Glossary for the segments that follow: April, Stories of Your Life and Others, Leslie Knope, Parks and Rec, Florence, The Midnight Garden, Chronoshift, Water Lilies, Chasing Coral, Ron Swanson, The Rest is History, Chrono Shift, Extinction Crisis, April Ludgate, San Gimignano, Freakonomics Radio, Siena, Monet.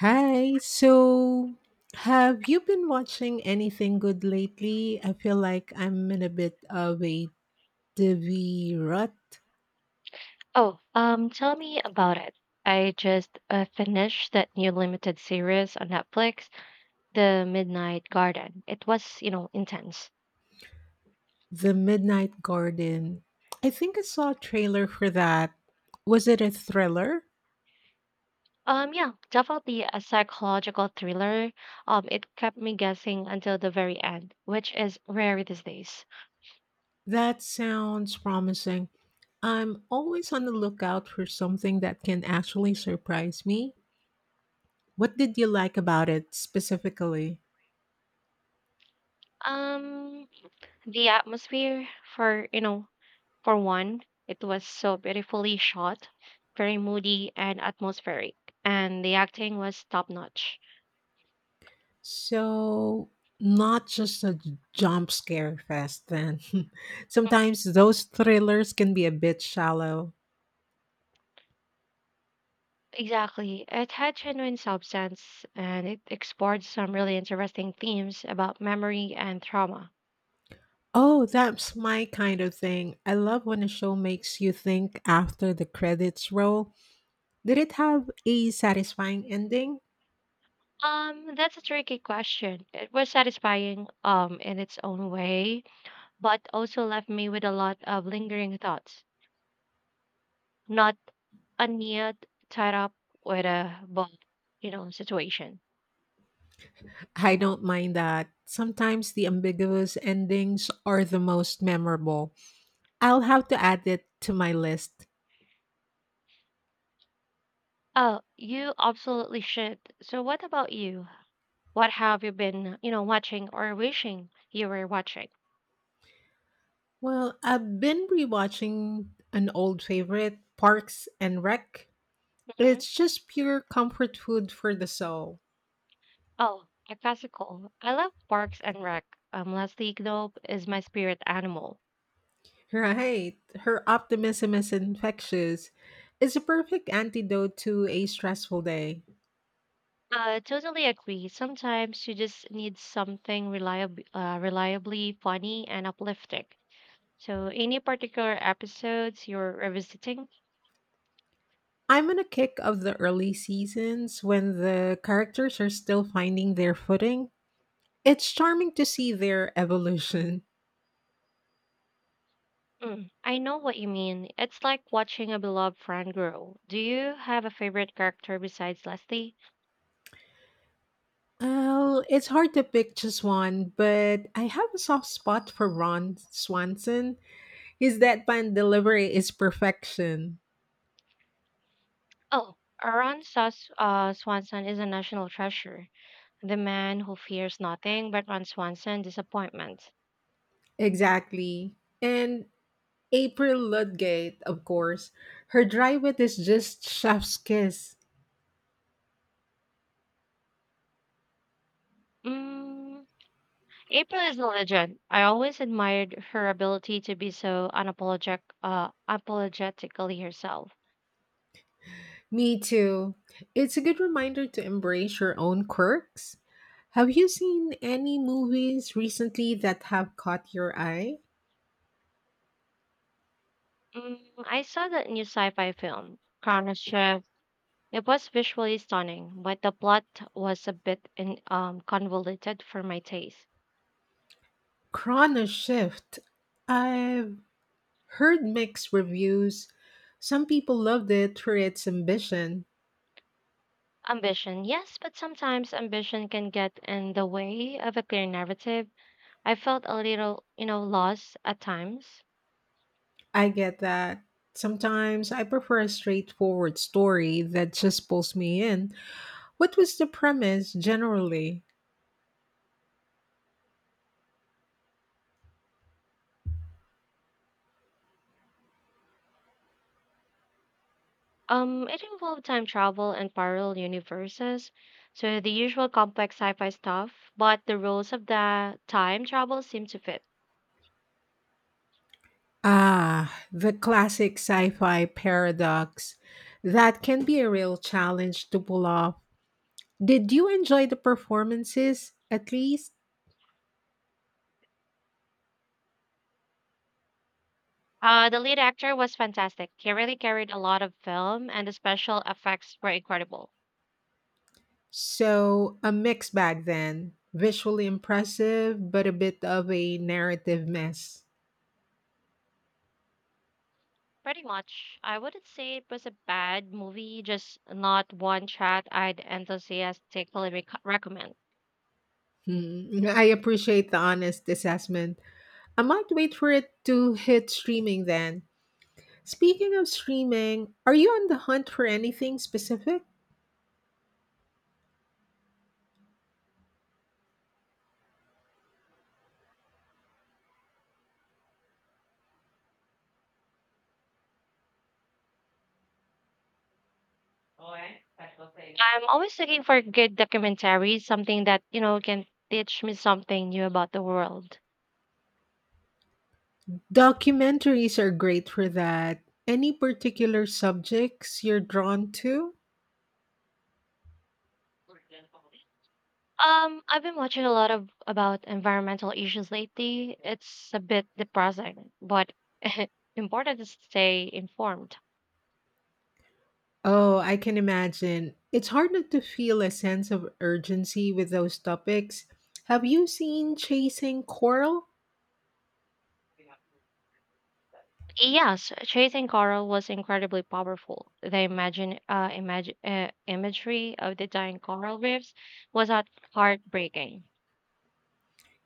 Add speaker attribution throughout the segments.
Speaker 1: Hi. So, have you been watching anything good lately? I feel like I'm in a bit of a TV rut.
Speaker 2: Oh, tell me about it. I just finished that new limited series on Netflix, The Midnight Garden. It was, intense.
Speaker 1: The Midnight Garden. I think I saw a trailer for that. Was it a thriller?
Speaker 2: Yeah, definitely a psychological thriller. It kept me guessing until the very end, which is rare these days.
Speaker 1: That sounds promising. I'm always on the lookout for something that can actually surprise me. What did you like about it specifically?
Speaker 2: Um, the atmosphere for, for one, it was so beautifully shot, very moody and atmospheric, and the acting was top notch.
Speaker 1: So, not just a jump scare fest then. Sometimes those thrillers can be a bit shallow.
Speaker 2: Exactly. It had genuine substance and it explored some really interesting themes about memory and trauma.
Speaker 1: Oh, that's my kind of thing. I love when a show makes you think after the credits roll. Did it have a satisfying ending?
Speaker 2: That's a tricky question. It was satisfying, in its own way, but also left me with a lot of lingering thoughts. Not a neat tied up with a book, situation.
Speaker 1: I don't mind that. Sometimes the ambiguous endings are the most memorable. I'll have to add it to my list.
Speaker 2: Oh, you absolutely should. So what about you? What have you been, watching or wishing you were watching?
Speaker 1: Well, I've been rewatching an old favorite, Parks and Rec. It's just pure comfort food for the soul.
Speaker 2: Oh, a classical. I love Parks and Rec. Leslie Knope is my spirit animal.
Speaker 1: Right. Her optimism is infectious. It's a perfect antidote to a stressful day.
Speaker 2: I totally agree. Sometimes you just need something reliably funny and uplifting. So, any particular episodes you're revisiting?
Speaker 1: I'm on a kick of the early seasons when the characters are still finding their footing. It's charming to see their evolution.
Speaker 2: Mm, I know what you mean. It's like watching a beloved friend grow. Do you have a favorite character besides Leslie?
Speaker 1: Well, it's hard to pick just one, but I have a soft spot for Ron Swanson. His deadpan delivery is perfection.
Speaker 2: Oh, Swanson is a national treasure. The man who fears nothing but Ron Swanson disappointment.
Speaker 1: Exactly. And April Ludgate, of course. Her dry wit is just chef's kiss.
Speaker 2: Mm, April is a legend. I always admired her ability to be so apologetically herself.
Speaker 1: Me too. It's a good reminder to embrace your own quirks. Have you seen any movies recently that have caught your eye?
Speaker 2: Mm, I saw that new sci-fi film, Chronoshift. It was visually stunning, but the plot was a bit convoluted for my taste.
Speaker 1: Chrono Shift. I've heard mixed reviews. Some people loved it for its ambition.
Speaker 2: Ambition, yes, but sometimes ambition can get in the way of a clear narrative. I felt a little, lost at times.
Speaker 1: I get that. Sometimes I prefer a straightforward story that just pulls me in. What was the premise generally?
Speaker 2: It involved time travel and parallel universes, so the usual complex sci-fi stuff, but the rules of the time travel seemed to fit.
Speaker 1: Ah, the classic sci fi paradox. That can be a real challenge to pull off. Did you enjoy the performances, at least?
Speaker 2: The lead actor was fantastic. He really carried a lot of film, and the special effects were incredible.
Speaker 1: So, a mixed bag then. Visually impressive, but a bit of a narrative mess.
Speaker 2: Pretty much, I wouldn't say it was a bad movie, just not one that I'd enthusiastically recommend.
Speaker 1: Hmm, I appreciate the honest assessment. I might wait for it to hit streaming then. Speaking of streaming, are you on the hunt for anything specific?
Speaker 2: I'm always looking for good documentaries, something that, can teach me something new about the world.
Speaker 1: Documentaries are great for that. Any particular subjects you're drawn to?
Speaker 2: I've been watching a lot of about environmental issues lately. It's a bit depressing, but important to stay informed.
Speaker 1: Oh, I can imagine. It's hard not to feel a sense of urgency with those topics. Have you seen Chasing Coral?
Speaker 2: Yes, chasing coral was incredibly powerful. The imagine imagine imagery of the dying coral reefs was heartbreaking.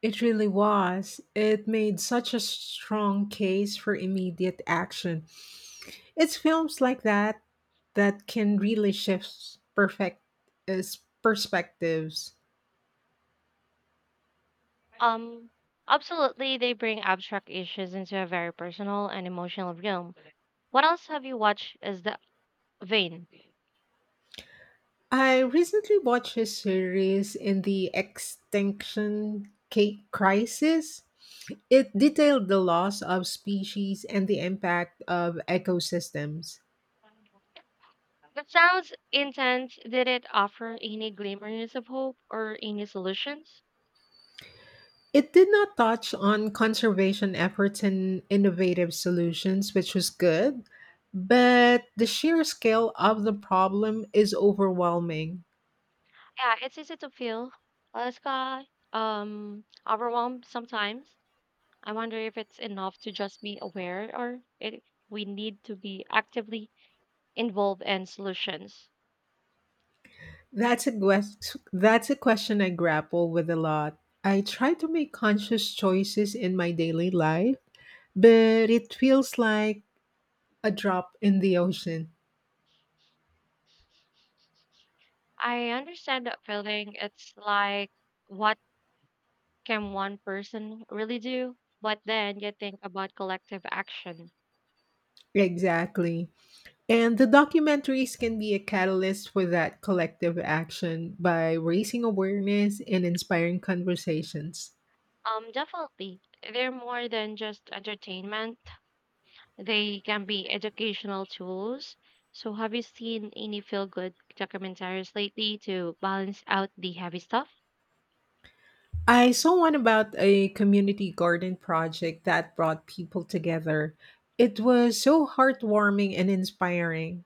Speaker 1: It really was. It made such a strong case for immediate action. It's films like that that can really shift perfect uh, perspectives.
Speaker 2: Um, Absolutely, they bring abstract issues into a very personal and emotional realm. What else have you watched? Is the vein?
Speaker 1: I recently watched his series in the Crisis. It detailed the loss of species and the impact of ecosystems.
Speaker 2: That sounds intense. Did it offer any glimmers of hope or any solutions?
Speaker 1: It did not touch on conservation efforts and innovative solutions, which was good, but the sheer scale of the problem is overwhelming.
Speaker 2: Yeah, it's easy to feel uh, sky, overwhelmed sometimes. I wonder if it's enough to just be aware or if we need to be actively involved in solutions.
Speaker 1: That's a question I grapple with a lot. I try to make conscious choices in my daily life but it feels like a drop in the ocean.
Speaker 2: I understand that feeling. It's like, what can one person really do? But then you think about collective action.
Speaker 1: Exactly. And the documentaries can be a catalyst for that collective action by raising awareness and inspiring conversations.
Speaker 2: Definitely, they're more than just entertainment. They can be educational tools. So, have you seen any feel good documentaries lately to balance out the heavy stuff?
Speaker 1: I saw one about a community garden project that brought people together. It was so heartwarming and inspiring.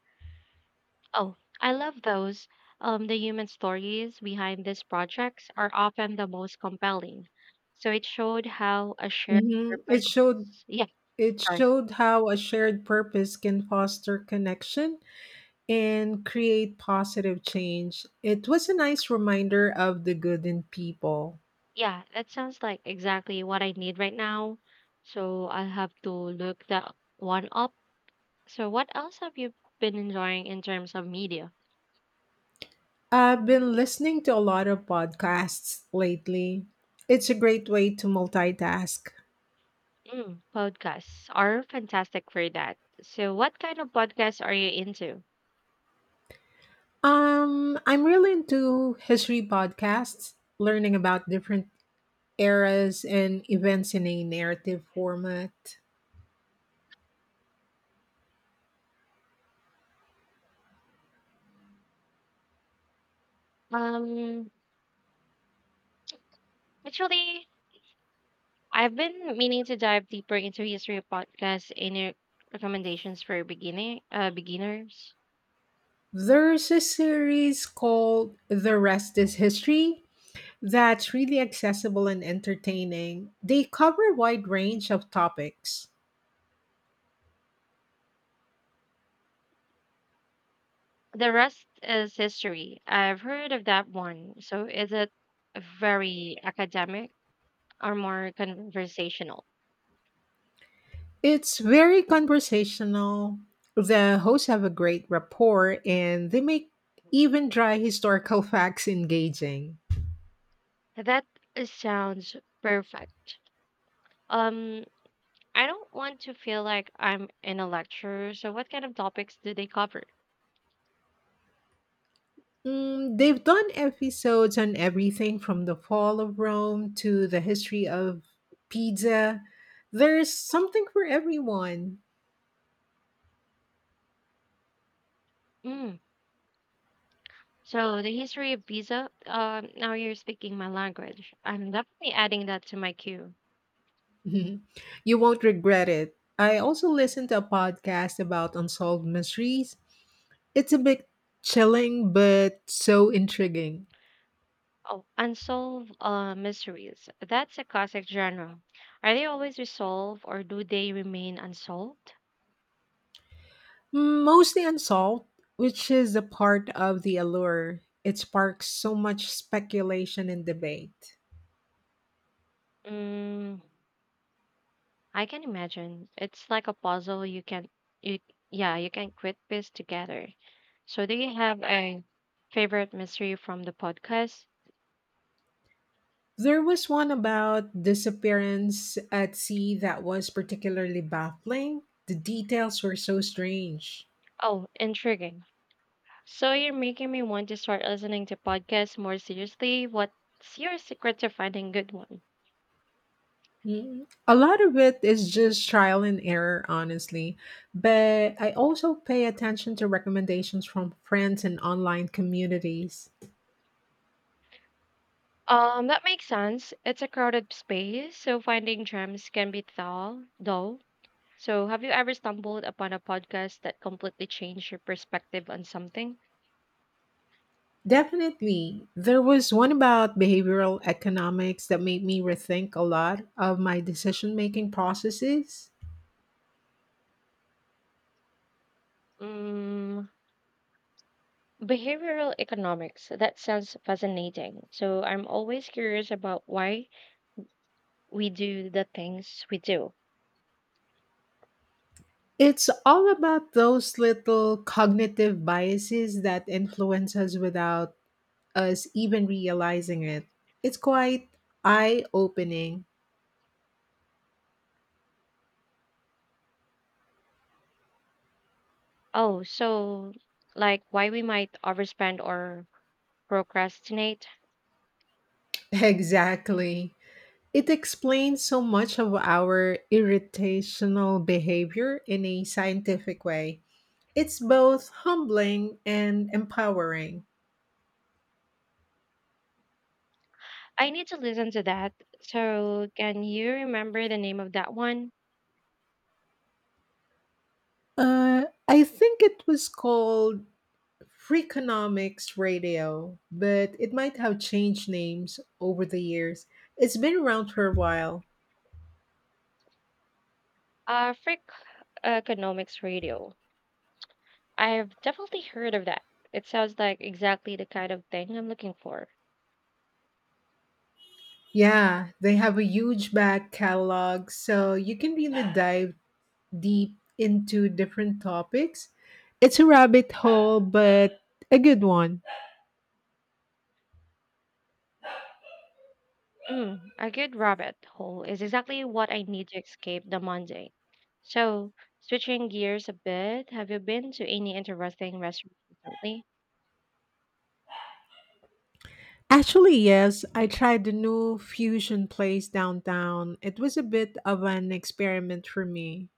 Speaker 2: Oh, I love those. The human stories behind these projects are often the most compelling. So, it showed how a shared
Speaker 1: Mhm.
Speaker 2: purpose. Yeah,
Speaker 1: It
Speaker 2: sorry.
Speaker 1: showed how a shared purpose can foster connection and create positive change. It was a nice reminder of the good in people.
Speaker 2: Yeah, that sounds like exactly what I need right now. So, I'll have to look that one up. So, what else have you been enjoying in terms of media?
Speaker 1: I've been listening to a lot of podcasts lately. It's a great way to multitask.
Speaker 2: Mm, podcasts are fantastic for that. So, what kind of podcasts are you into?
Speaker 1: I'm really into history podcasts, learning about different eras and events in a narrative format.
Speaker 2: Um, Actually, I've been meaning to dive deeper into history of podcasts. Any recommendations for beginning beginners?
Speaker 1: There's a series called The Rest is History that's really accessible and entertaining. They cover a wide range of topics.
Speaker 2: The rest is history. I've heard of that one. So, is it very academic or more conversational?
Speaker 1: It's very conversational. The hosts have a great rapport and they make even dry historical facts engaging.
Speaker 2: That sounds perfect. Um, I don't want to feel like I'm in a lecture. So, what kind of topics do they cover?
Speaker 1: Mm, they've done episodes on everything from the fall of Rome to the history of pizza. There's something for everyone.
Speaker 2: Mm. So, the history of Giza. Now you're speaking my language. I'm definitely adding that to my queue.
Speaker 1: Mhm. You won't regret it. I also listened to a podcast about unsolved mysteries. It's a bit chilling, but so intriguing.
Speaker 2: Oh, unsolved mysteries. That's a classic genre. Are they always resolved or do they remain unsolved?
Speaker 1: Mostly unsolved, which is a part of the allure. It sparks so much speculation and debate.
Speaker 2: Mm, I can imagine. It's like a puzzle you yeah, you can quit piece together. So do you have a favorite mystery from the podcast?
Speaker 1: There was one about disappearance at sea that was particularly baffling. The details were so strange.
Speaker 2: Oh, intriguing. So you're making me want to start listening to podcasts more seriously. What's your secret to finding good one?
Speaker 1: Mm, a lot of it is just trial and error, honestly. But I also pay attention to recommendations from friends and online communities.
Speaker 2: That makes sense. It's a crowded space, so finding gems can be dull. So have you ever stumbled upon a podcast that completely changed your perspective on something?
Speaker 1: Definitely, there was one about behavioral economics that made me rethink a lot of my decision making processes.
Speaker 2: Mm, behavioral economics. That sounds fascinating. So I'm always curious about why we do the things we do.
Speaker 1: It's all about those little cognitive biases that influence us without us even realizing it. It's quite eye opening.
Speaker 2: Oh, so like why we might overspend or procrastinate?
Speaker 1: Exactly. It explains so much of our irritational behavior in a scientific way. It's both humbling and empowering.
Speaker 2: I need to listen to that. So, can you remember the name of that one?
Speaker 1: I think it was called Freakonomics Radio, but it might have changed names over the years. It's been around for a while.
Speaker 2: Frick Economics Radio. I've definitely heard of that. It sounds like exactly the kind of thing I'm looking for.
Speaker 1: Yeah, they have a huge back catalog, so you can really dive deep into different topics. It's a rabbit hole, but a good one.
Speaker 2: Mm, a good rabbit hole is exactly what I need to escape the Monday. So, switching gears a bit, have you been to any interesting restaurants recently?
Speaker 1: Actually, yes, I tried the new fusion place downtown. It was a bit of an experiment for me.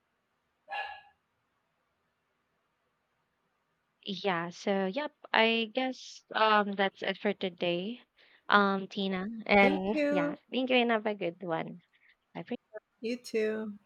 Speaker 2: Yeah, so yep, I guess that's it for today. Tina.
Speaker 1: Thank
Speaker 2: And yeah,
Speaker 1: you.
Speaker 2: thank you and have a good one. Bye for
Speaker 1: You too.